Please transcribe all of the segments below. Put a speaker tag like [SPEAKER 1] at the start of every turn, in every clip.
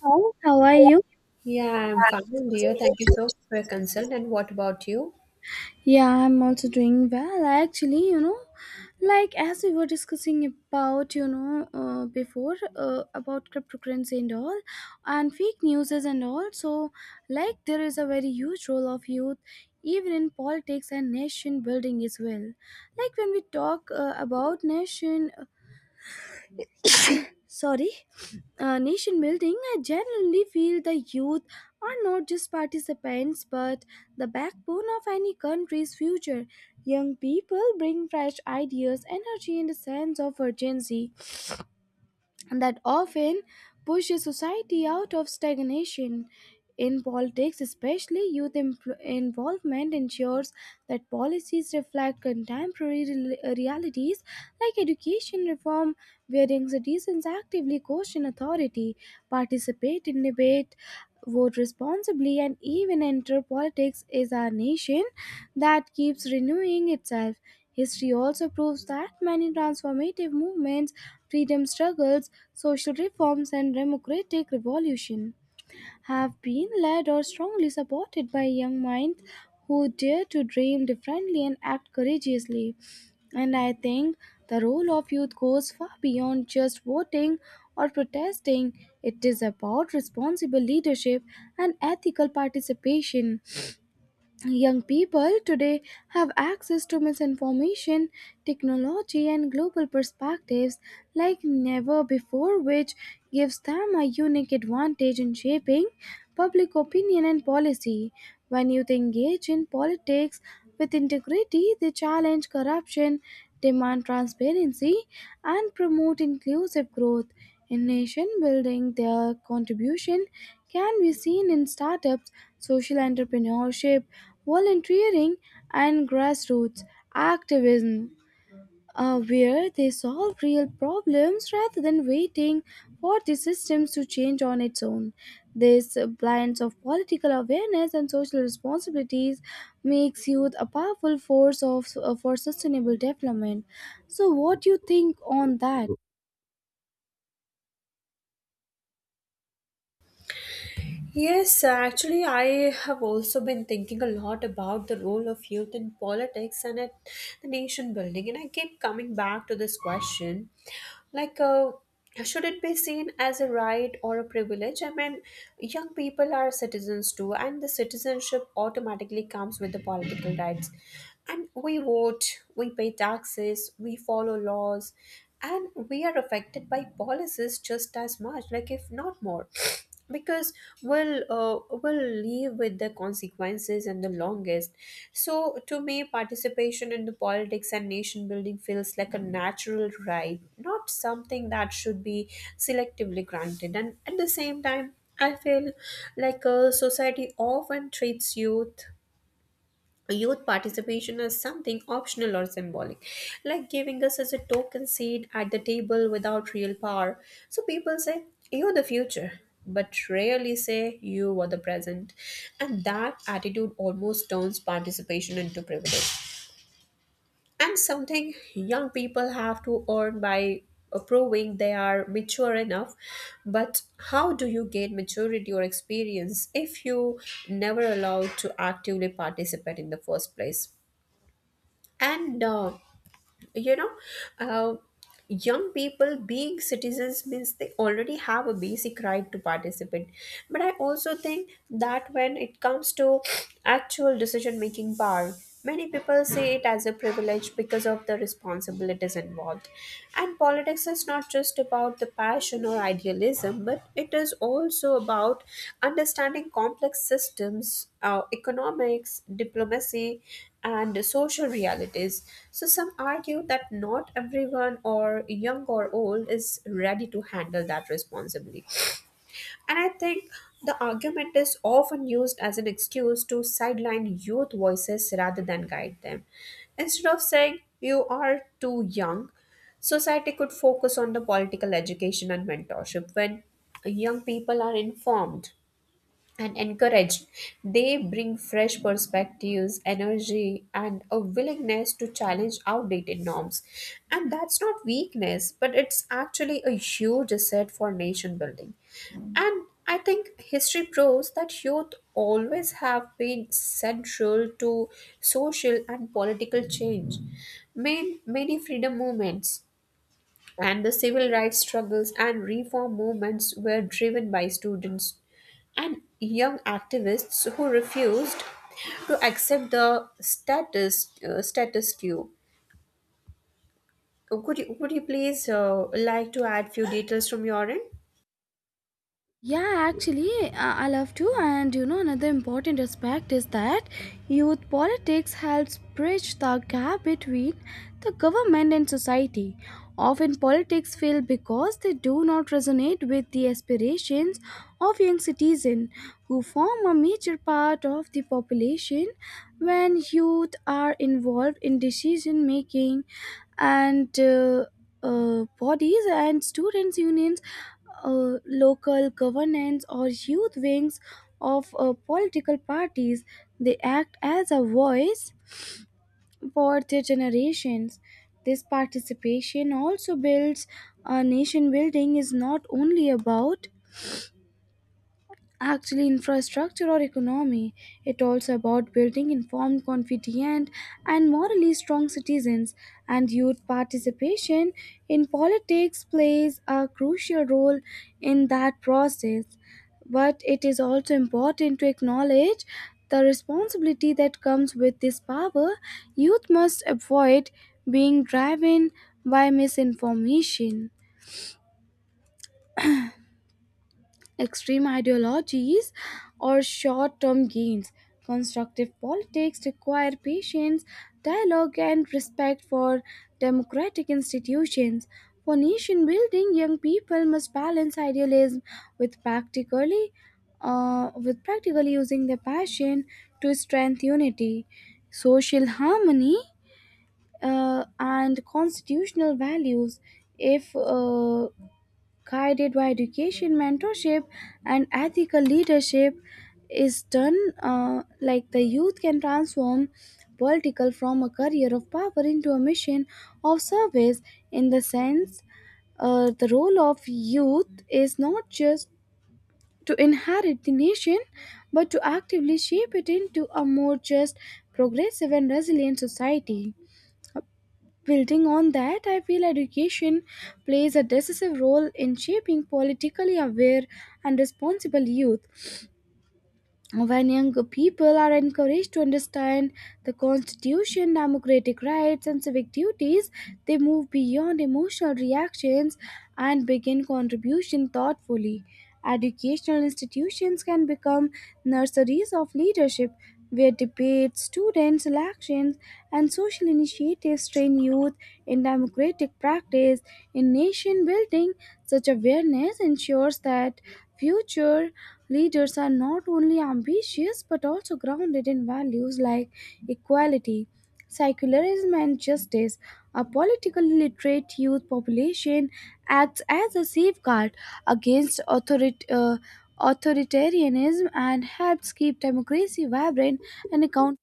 [SPEAKER 1] How are you?
[SPEAKER 2] Yeah, I'm fine, dear. Thank you so much for your consult. And what about you?
[SPEAKER 1] Yeah, I'm also doing well. Actually, like as we were discussing about, before about cryptocurrency and all, and fake news and all. So, like, there is a very huge role of youth, even in politics and nation building as well. Like when we talk about sorry nation building, I generally feel the youth are not just participants but the backbone of any country's future. Young people bring fresh ideas, energy, and a sense of urgency that often pushes society out of stagnation. In politics, especially, involvement ensures that policies reflect contemporary realities, like education reform, wherein citizens actively question authority, participate in debate, vote responsibly, and even enter politics is a nation that keeps renewing itself. History also proves that many transformative movements, freedom struggles, social reforms, and democratic revolution have been led or strongly supported by young minds who dare to dream differently and act courageously. And I think the role of youth goes far beyond just voting or protesting. It is about responsible leadership and ethical participation. Young people today have access to misinformation, technology, and global perspectives like never before, which gives them a unique advantage in shaping public opinion and policy. When youth engage in politics with integrity, they challenge corruption, demand transparency, and promote inclusive growth. In nation building, their contribution can be seen in startups, social entrepreneurship, volunteering, and grassroots activism, where they solve real problems rather than waiting for the systems to change on its own. This blends of political awareness and social responsibilities makes youth a powerful force for sustainable development. So, what do you think on that?
[SPEAKER 2] Yes, actually, I have also been thinking a lot about the role of youth in politics and at the nation building, and I keep coming back to this question, like, should it be seen as a right or a privilege? I mean, young people are citizens too, and the citizenship automatically comes with the political rights, and we vote, we pay taxes, we follow laws, and we are affected by policies just as much, like if not more because will live with the consequences in the longest. So to me, participation in the politics and nation building feels like a natural right, not something that should be selectively granted. And at the same time, I feel like a society often treats youth participation as something optional or symbolic, like giving us as a token seat at the table without real power. So people say, "You're the future," but rarely say, "You were the present." And that attitude almost turns participation into privilege, and something young people have to earn by proving they are mature enough. But how do you gain maturity or experience if you never allowed to actively participate in the first place? And uh, you know, uh, Young people being citizens means they already have a basic right to participate. But I also think that when it comes to actual decision making power, many people see it as a privilege because of the responsibilities involved. And politics is not just about the passion or idealism, but it is also about understanding complex systems, economics, diplomacy, and social realities. So, some argue that not everyone, or young or old, is ready to handle that responsibly. And I think the argument is often used as an excuse to sideline youth voices rather than guide them. Instead of saying, "You are too young," society could focus on the political education and mentorship. When young people are informed and encouraged, they bring fresh perspectives, energy, and a willingness to challenge outdated norms. And that's not weakness, but it's actually a huge asset for nation building. And I think history proves that youth always have been central to social and political change. Many freedom movements and the civil rights struggles and reform movements were driven by students and young activists who refused to accept the status quo. Could you would you please like to add few details from your end?
[SPEAKER 1] Yeah, actually, I love to. And you know, another important aspect is that youth politics helps bridge the gap between the government and society. Often, politics fail because they do not resonate with the aspirations of young citizens who form a major part of the population. When youth are involved in decision making, and bodies and students unions, local governance or youth wings of political parties, they act as a voice for their generations. This participation also builds a nation. Building is not only about actually infrastructure or economy. It also about building informed, confident, and morally strong citizens. And youth participation in politics plays a crucial role in that process. But it is also important to acknowledge the responsibility that comes with this power. Youth must avoid being driven by misinformation, extreme ideologies, or short term gains. Constructive politics require patience, dialogue, and respect for democratic institutions. For nation building, young people must balance idealism with practically using their passion to strengthen unity, social harmony, and constitutional values. If guided by education, mentorship, and ethical leadership, is done like, the youth can transform political from a career of power into a mission of service. In the sense, the role of youth is not just to inherit the nation, but to actively shape it into a more just, progressive, and resilient society. Building on that, I feel education plays a decisive role in shaping politically aware and responsible youth. When young people are encouraged to understand the constitution, democratic rights, and civic duties, they move beyond emotional reactions and begin contribution thoughtfully. Educational institutions can become nurseries of leadership where debates, students elections, and social initiatives train youth in democratic practice. In nation building, such awareness ensures that future leaders are not only ambitious but also grounded in values like equality, secularism, and justice. A politically literate youth population acts as a safeguard against authoritarianism and helps keep democracy vibrant and accountable.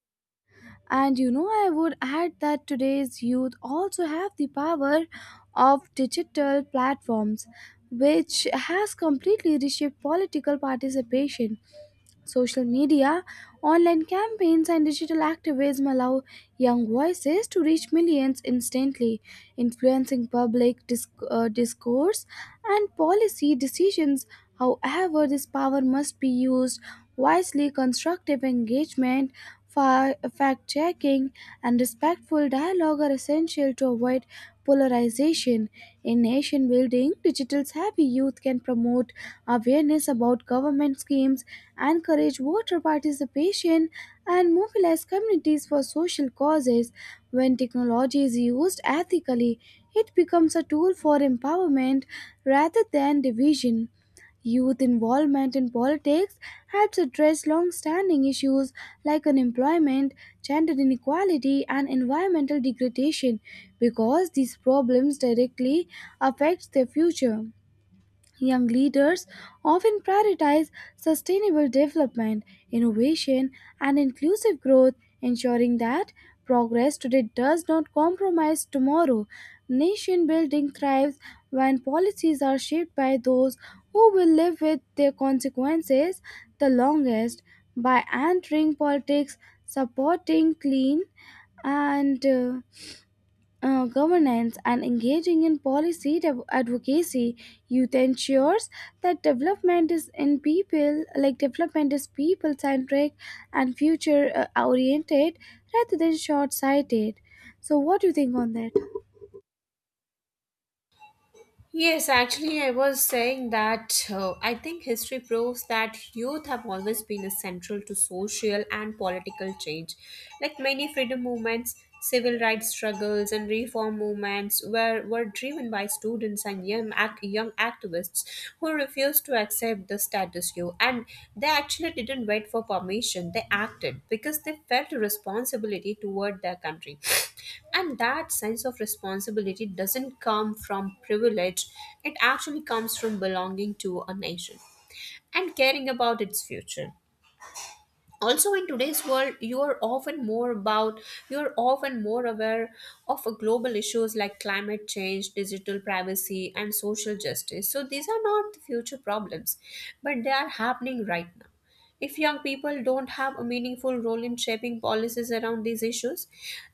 [SPEAKER 1] And you know, I would add that today's youth also have the power of digital platforms, which has completely reshaped political participation. Social media, online campaigns, and digital activism allow young voices to reach millions instantly, influencing public discourse and policy decisions. However, this power must be used wisely. Constructive engagement, fact checking, and respectful dialogue are essential to avoid polarization. In nation building, digital savvy youth can promote awareness about government schemes, encourage voter participation, and mobilize communities for social causes. When technology is used ethically, it becomes a tool for empowerment rather than division. Youth involvement in politics helps address long standing issues like unemployment, gender inequality, and environmental degradation because these problems directly affect their future. Young leaders often prioritize sustainable development, innovation, and inclusive growth, ensuring that progress today does not compromise tomorrow. Nation building thrives when policies are shaped by those who will live with their consequences the longest. By entering politics, supporting clean and governance, and engaging in policy advocacy, youth ensures that development is in people, like development is people centric and future oriented, rather than short sighted. So what do you think on that?
[SPEAKER 2] Yes, actually, I was saying that I think history proves that youth have always been essential to social and political change. Like many freedom movements, civil rights struggles, and reform movements were driven by students and young activists who refused to accept the status quo, and they actually didn't wait for permission. They acted because they felt responsibility toward their country and that sense of responsibility doesn't come from privilege. It actually comes from belonging to a nation and caring about its future. Also, in today's world, you are often more aware of global issues like climate change, digital privacy, and social justice. So these are not the future problems, but they are happening right now. If young people don't have a meaningful role in shaping policies around these issues,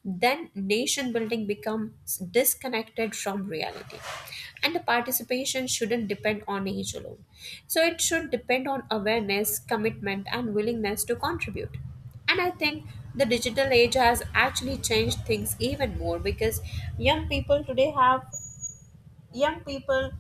[SPEAKER 2] then nation building becomes disconnected from reality. And the participation shouldn't depend on age alone. So it should depend on awareness, commitment, and willingness to contribute. And I think the digital age has actually changed things even more because young people today have young people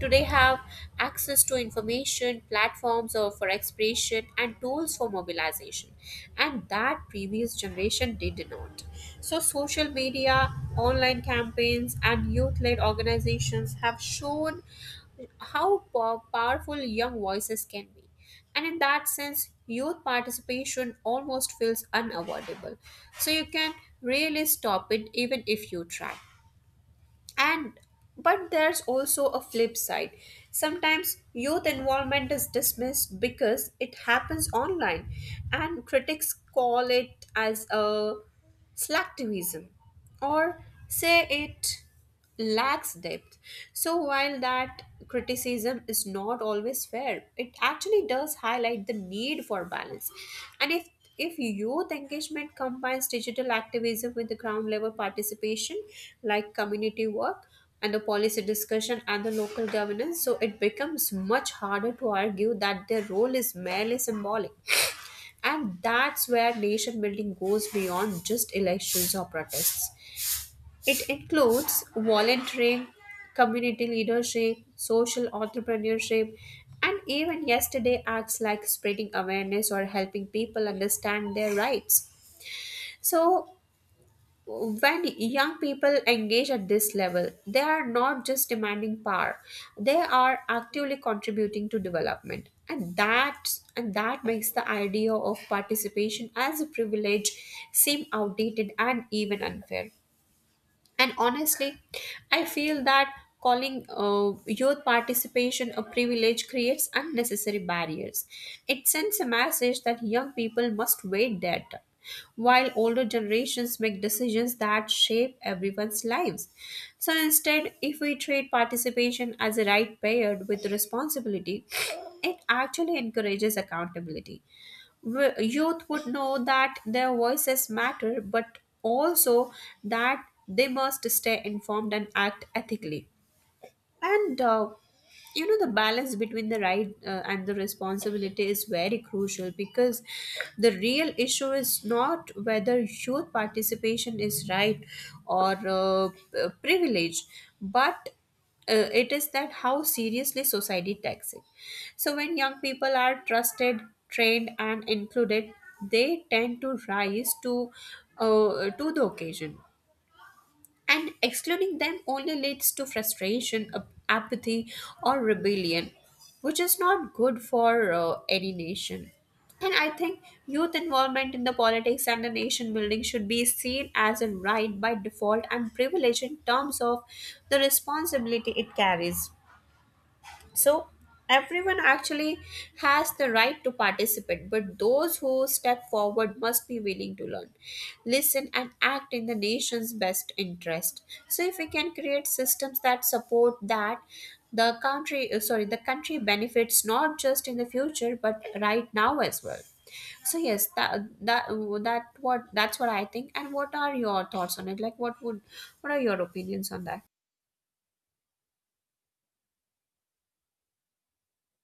[SPEAKER 2] today have access to information, platforms or for expression, and tools for mobilization and that previous generation did not. So social media, online campaigns, and youth-led organizations have shown how powerful young voices can be, and in that sense youth participation almost feels unavoidable. So you can really stop it even if you try. And but there's also a flip side. Sometimes youth involvement is dismissed because it happens online, and critics call it as a slacktivism or say it lacks depth. So while that criticism is not always fair, it actually does highlight the need for balance. And if if youth engagement combines digital activism with the ground level participation, like community work and the policy discussion and the local governance, so it becomes much harder to argue that their role is merely symbolic. And that's where nation building goes beyond just elections or protests. It includes volunteering, community leadership, social entrepreneurship, and even yesterday acts like spreading awareness or helping people understand their rights. So, when young people engage at this level, they are not just demanding power; they are actively contributing to development, and that makes the idea of participation as a privilege seem outdated and even unfair. And honestly, I feel that calling youth participation a privilege creates unnecessary barriers. It sends a message that young people must wait their turn, while older generations make decisions that shape everyone's lives. So instead, if we treat participation as a right paired with responsibility, it actually encourages accountability. Youth would know that their voices matter, but also that they must stay informed and act ethically. And the balance between the right and the responsibility is very crucial, because the real issue is not whether youth participation is right or privilege, but it is that how seriously society takes it. So when young people are trusted, trained, and included, they tend to rise to to the occasion, and excluding them only leads to frustration, apathy, or rebellion, which is not good for any nation. And I think youth involvement in the politics and the nation building should be seen as a right by default and privilege in terms of the responsibility it carries. So everyone actually has the right to participate, but those who step forward must be willing to learn, listen, and act in the nation's best interest. So if we can create systems that support that, the country, sorry, the country benefits not just in the future but right now as well. So yes, that's what I think. And what are your thoughts on it? Like, what are your opinions on that?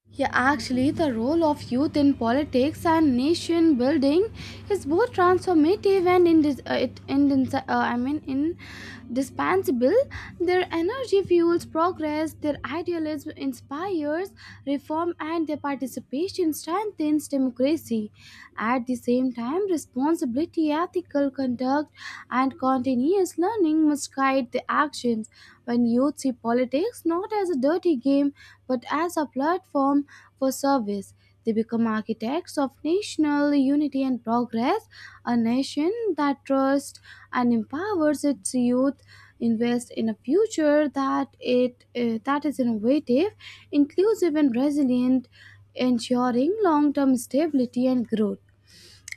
[SPEAKER 1] Yeah, actually, the role of youth in politics and nation building is both transformative and indis- it indis- I mean indispensable. Their energy fuels progress, their idealism inspires reform, and their participation strengthens democracy. At the same time, responsibility, ethical conduct, and continuous learning must guide the actions when youth see politics not as a dirty game but as a platform for service. They become architects of national unity and progress. A nation that trusts and empowers its youth invests in a future that is innovative, inclusive, and resilient, ensuring long-term stability and growth.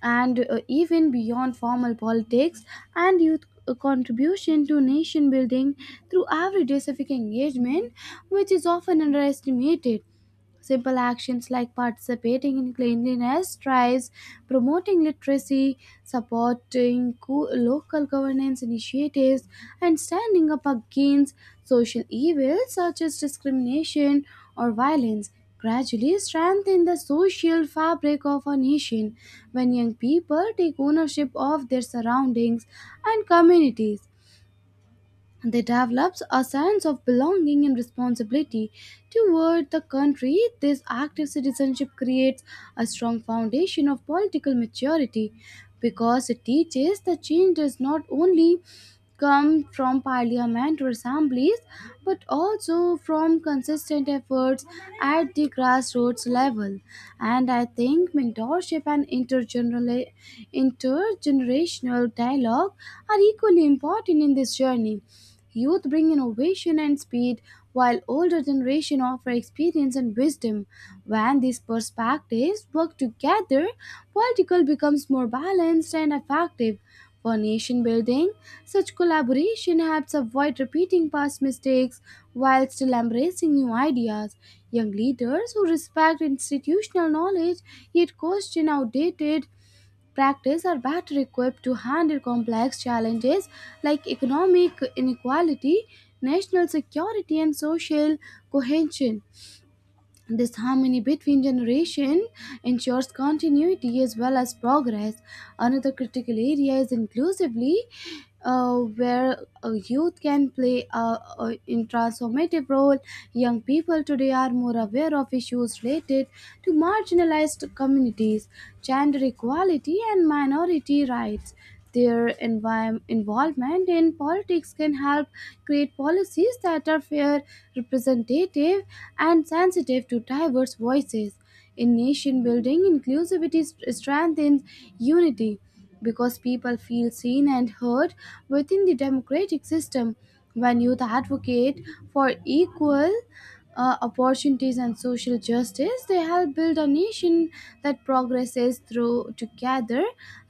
[SPEAKER 1] And even beyond formal politics, and youth contribution to nation building through everyday civic engagement, which is often underestimated. Simple actions like participating in cleanliness drives, promoting literacy, supporting local governance initiatives, and standing up against social evils such as discrimination or violence gradually strengthen the social fabric of a nation when young people take ownership of their surroundings and communities, and they developed a sense of belonging and responsibility toward the country. This active citizenship creates a strong foundation of political maturity because it teaches that change does not only come from parliament or assemblies but also from consistent efforts at the grassroots level. And I think mentorship and intergenerational dialogue are equally important in this journey. Youth bring innovation and speed, while older generation offer experience and wisdom. When these perspectives work together, political becomes more balanced and effective. For nation building, such collaboration helps avoid repeating past mistakes while still embracing new ideas. Young leaders who respect institutional knowledge yet question outdated practice are better equipped to handle complex challenges like economic inequality, national security, and social cohesion. This harmony between generation ensures continuity as well as progress. Another critical area is inclusively, where youth can play a in transformative role. Young people today are more aware of issues related to marginalized communities, gender equality, and minority rights. Their involvement in politics can help create policies that are fair, representative, and sensitive to diverse voices. In nation building, inclusivity strengthens unity because people feel seen and heard within the democratic system. When youth advocate for equal opportunities and social justice, they help build a nation that progresses through together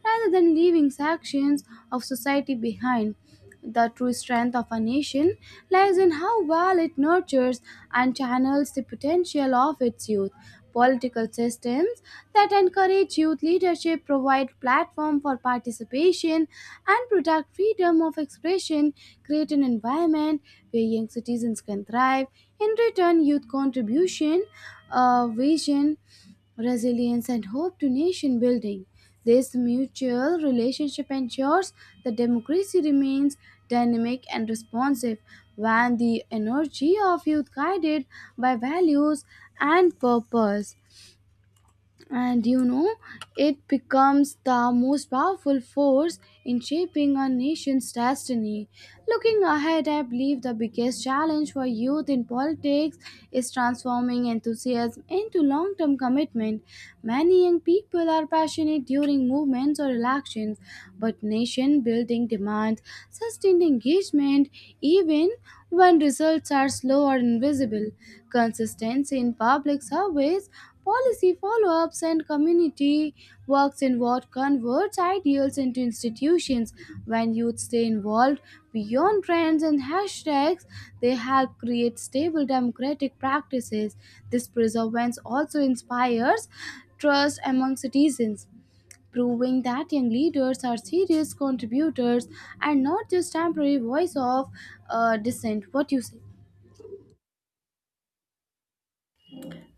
[SPEAKER 1] rather than leaving sections of society behind. The true strength of a nation lies in how well it nurtures and channels the potential of its youth. Political systems that encourage youth leadership, provide platform for participation, and protect freedom of expression, create an environment where young citizens can thrive. In return, youth contribution, vision, resilience, and hope to nation building. This mutual relationship ensures that democracy remains dynamic and responsive when the energy of youth guided by values and purpose, and you know, it becomes the most powerful force in shaping a nation's destiny. Looking ahead, I believe the biggest challenge for youth in politics is transforming enthusiasm into long-term commitment. Many young people are passionate during movements or elections, but nation building demands sustained engagement even when results are slow or invisible. Consistency in public service, policy follow ups, and community works in what converts ideals into institutions. When youth stay involved beyond trends and hashtags, they help create stable democratic practices. This perseverance also inspires trust among citizens, proving that young leaders are serious contributors and not just temporary voice of dissent. What you say?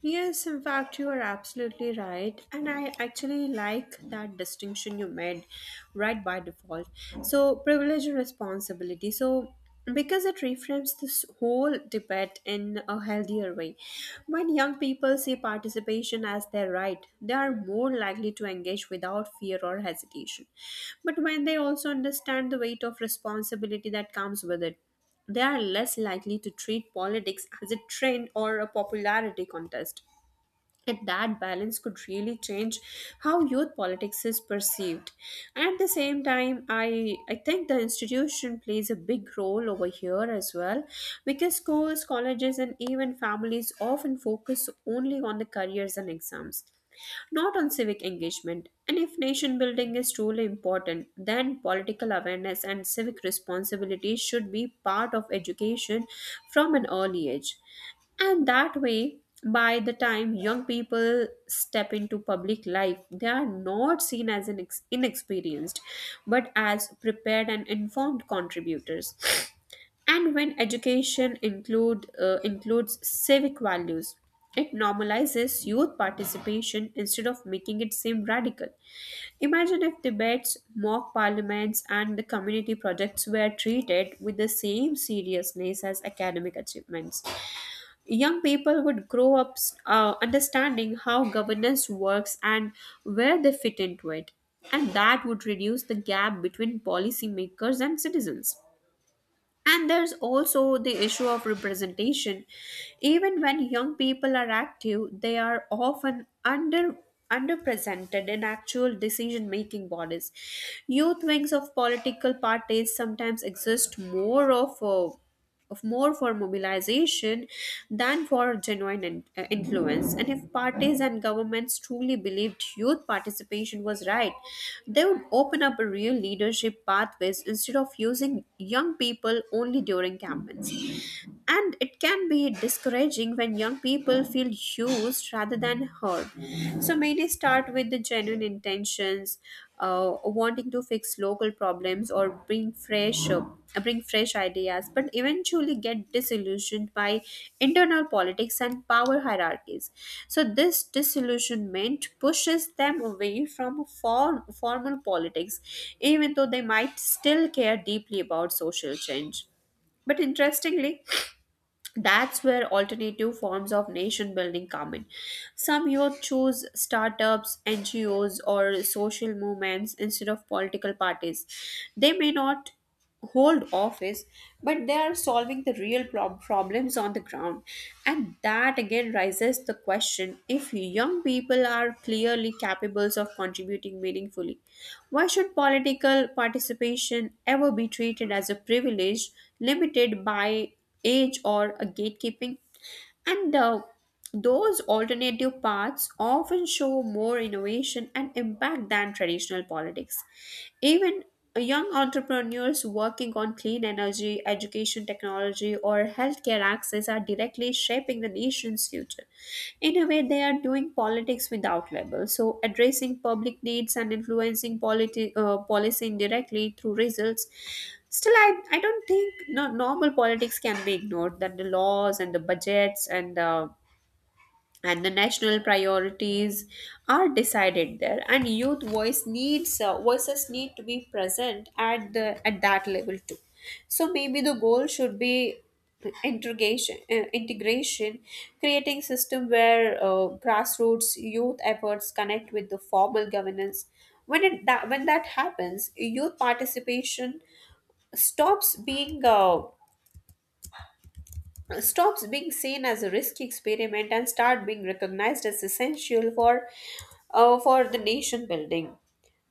[SPEAKER 2] Yes, in fact, you are absolutely right. And I actually like that distinction you made, right by default. So, privilege and responsibility. So, because it reframes this whole debate in a healthier way. When young people see participation as their right, they are more likely to engage without fear or hesitation. But when they also understand the weight of responsibility that comes with it, they are less likely to treat politics as a trend or a popularity contest. And that balance could really change how youth politics is perceived. And at the same time, I think the institution plays a big role over here as well, because schools, colleges, and even families often focus only on the careers and exams, not on civic engagement. And if nation building is truly important, then political awareness and civic responsibility should be part of education from an early age. And that way, by the time young people step into public life, they are not seen as inexperienced, but as prepared and informed contributors. And when education includes civic values, it normalizes youth participation instead of making it seem radical. Imagine if debates, mock parliaments, and the community projects were treated with the same seriousness as academic achievements. Young people would grow up understanding how governance works and where they fit into it, and that would reduce the gap between policymakers and citizens. And there's also the issue of representation. Even when young people are active, they are often underrepresented in actual decision-making bodies. Youth wings of political parties sometimes exist more of more for mobilization than for genuine influence. And if parties and governments truly believed youth participation was right, they would open up a real leadership pathways instead of using young people only during campaigns. And it can be discouraging when young people feel used rather than heard, so many start with the genuine intentions, wanting to fix local problems or bring fresh ideas, but eventually get disillusioned by internal politics and power hierarchies. So this disillusionment pushes them away from formal politics, even though they might still care deeply about social change. But interestingly, that's where alternative forms of nation building come in. Some youth choose startups, ngos, or social movements instead of political parties. They may not hold office, but they are solving the real problems on the ground. And that again raises the question, if young people are clearly capable of contributing meaningfully, why should political participation ever be treated as a privilege limited by age, or a gatekeeping? And those alternative paths often show more innovation and impact than traditional politics. Even young entrepreneurs working on clean energy, education technology, or healthcare access are directly shaping the nation's future. In a way, they are doing politics without labels, so addressing public needs and influencing policy indirectly through results. Still, I don't think no, normal politics can be ignored. That the laws and the budgets and the national priorities are decided there, and youth voice needs voices need to be present at the at that level too. So maybe the goal should be integration, creating system where grassroots youth efforts connect with the formal governance. When it that when that happens, youth participation stops being uh, stops being seen as a risky experiment and start being recognized as essential for the nation building.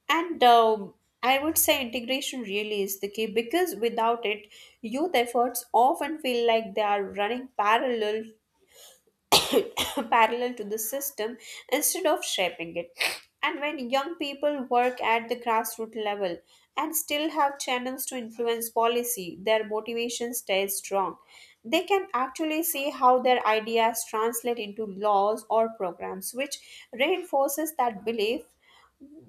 [SPEAKER 2] And I would say integration really is the key, because without it youth efforts often feel like they are running parallel parallel to the system instead of shaping it. And when young people work at the grassroots level and still have channels to influence policy, their motivation stays strong. They can actually see how their ideas translate into laws or programs, which reinforces that belief,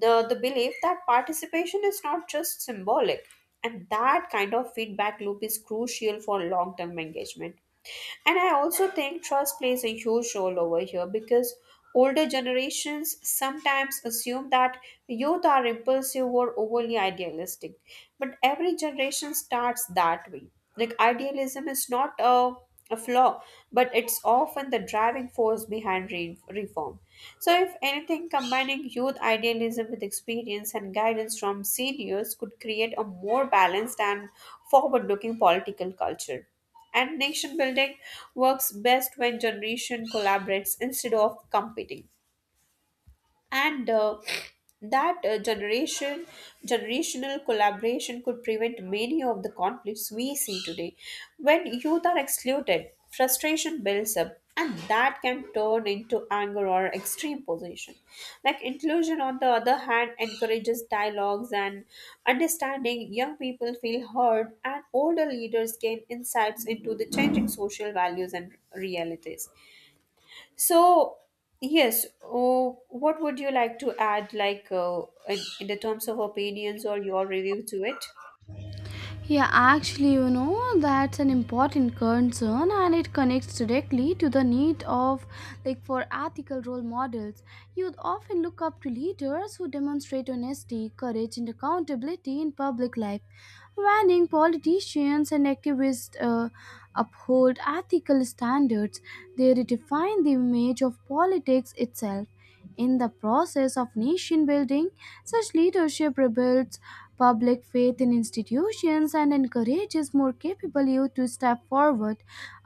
[SPEAKER 2] the belief that participation is not just symbolic. And that kind of feedback loop is crucial for long-term engagement. And I also think trust plays a huge role over here, because older generations sometimes assume that youth are impulsive or overly idealistic, but every generation starts that way. Like idealism is not a a flaw, but it's often the driving force behind reform. So, if anything, combining youth idealism with experience and guidance from seniors could create a more balanced and forward looking political culture. And nation building works best when generation collaborates instead of competing. And that generational collaboration could prevent many of the conflicts we see today. When youth are excluded, frustration builds up, and that can turn into anger or extreme position. Like inclusion on the other hand encourages dialogues and understanding. Young people feel heard and older leaders gain insights into the changing social values and realities. So, yes, oh, what would you like to add, in the terms of opinions or your review to it?
[SPEAKER 1] Yeah, actually, you know, that's an important concern and it connects directly to the need of, like, for ethical role models. Youth often look up to leaders who demonstrate honesty, courage, and accountability in public life. Warning politicians and activists uphold ethical standards, they redefine the image of politics itself. In the process of nation building, such leadership rebuilds public faith in institutions and encourages more capable youth to step forward.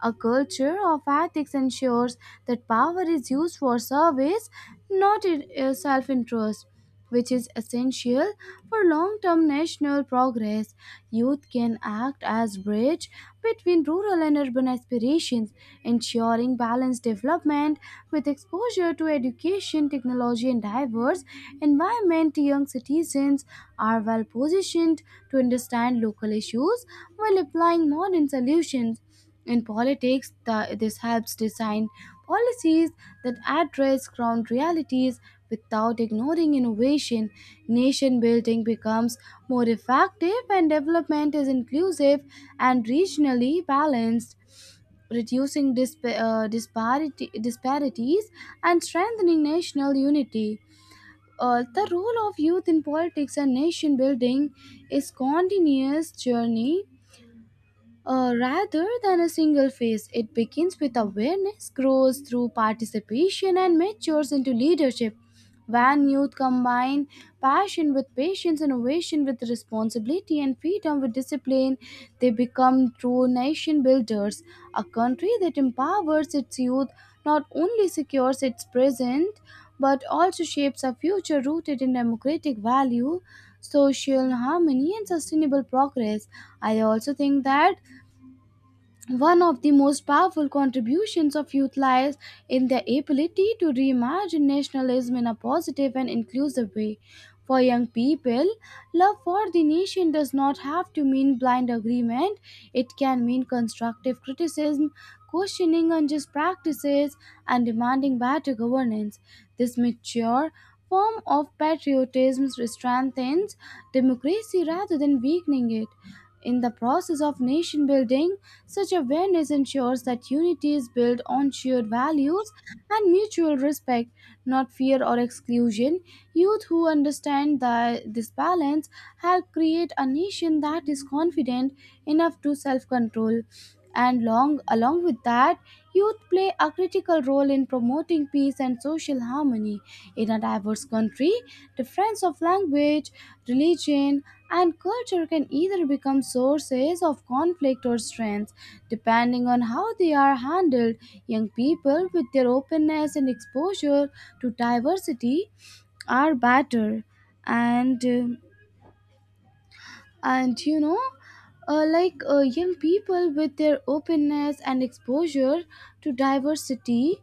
[SPEAKER 1] A culture of ethics ensures that power is used for service, not in self interest, which is essential for long term national progress. Youth can act as bridge between rural and urban aspirations, ensuring balanced development with exposure to education, technology, and diverse environment. Young citizens are well positioned to understand local issues while applying modern solutions. In politics, this helps design policies that address ground realities without ignoring innovation. Nation building becomes more effective when development is inclusive and regionally balanced, reducing disparities and strengthening national unity. The role of youth in politics and nation building is continuous journey rather than a single phase. It begins with awareness, grows through participation, and matures into leadership. When youth combine passion with patience, innovation with responsibility, and freedom with discipline, they become true nation builders. A country that empowers its youth not only secures its present but also shapes a future rooted in democratic value, social harmony, and sustainable progress. I also think that one of the most powerful contributions of youth lies in their ability to reimagine nationalism in a positive and inclusive way. For young people, love for the nation does not have to mean blind agreement. It can mean constructive criticism, questioning unjust practices, and demanding better governance. This mature form of patriotism strengthens democracy rather than weakening it. In the process of nation building, such awareness ensures that unity is built on shared values and mutual respect, not fear or exclusion. Youth who understand this balance help create a nation that is confident enough to self control. Along with that, youth play a critical role in promoting peace and social harmony. In a diverse country, difference of language, religion, and culture can either become sources of conflict or strength depending on how they are handled. Young people with their openness and exposure to diversity are better and um, and you know like young people with their openness and exposure to diversity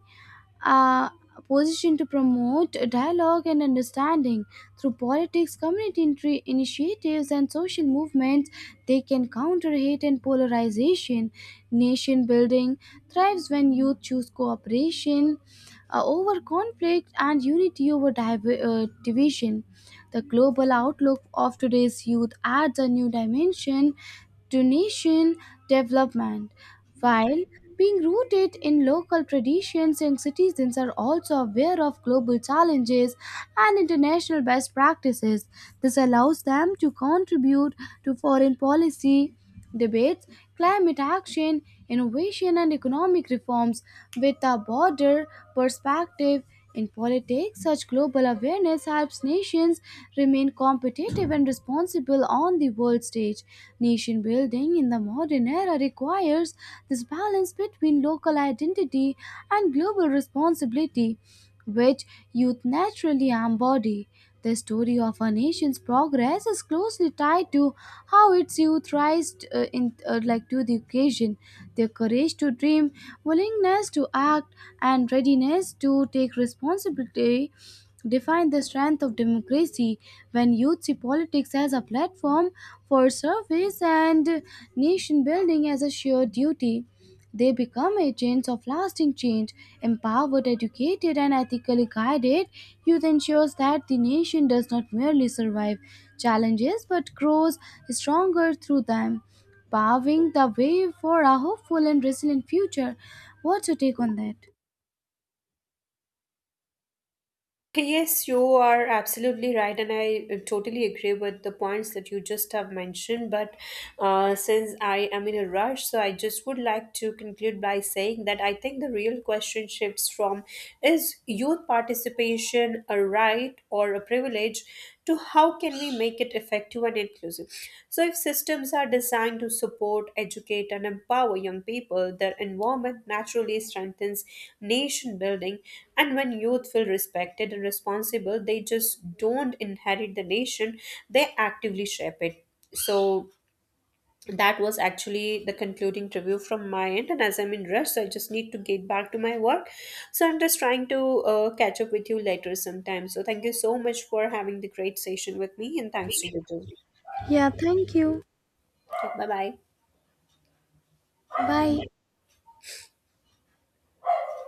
[SPEAKER 1] uh, position to promote dialogue and understanding through politics, community initiatives, and social movements. They can counter hate and polarization. Nation building thrives when youth choose cooperation over conflict and unity over division. The global outlook of today's youth adds a new dimension to nation development. While being rooted in local traditions, young citizens are also aware of global challenges and international best practices. This allows them to contribute to foreign policy debates, climate action, innovation, and economic reforms with a broader perspective. In politics, such global awareness helps nations remain competitive and responsible on the world stage. Nation building in the modern era requires this balance between local identity and global responsibility which youth naturally embody. The story of a nation's progress is closely tied to how its youth rise in, like to the occasion. Their courage to dream, willingness to act, and readiness to take responsibility define the strength of democracy. When youth see politics as a platform for service and nation building as a shared duty, they become agents of lasting change, empowered, educated, and ethically guided. Youth ensures that the nation does not merely survive challenges but grows stronger through them, paving the way for a hopeful and resilient future. What's your take on that?
[SPEAKER 2] Yes, you are absolutely right, and I totally agree with the points that you just have mentioned. But since I am in a rush, so I just would like to conclude by saying that I think the real question shifts from, is youth participation a right or a privilege, to how can we make it effective and inclusive. So if systems are designed to support, educate, and empower young people, their environment naturally strengthens nation building. And when youth feel respected and responsible, they just don't inherit the nation, they actively shape it. So that was actually the concluding review from my end, and as I'm in rush, so I just need to get back to my work. So I'm just trying to catch up with you later sometime. So thank you so much for having the great session with me, and thanks to you too.
[SPEAKER 1] Yeah, thank you.
[SPEAKER 2] Bye bye.
[SPEAKER 1] Bye.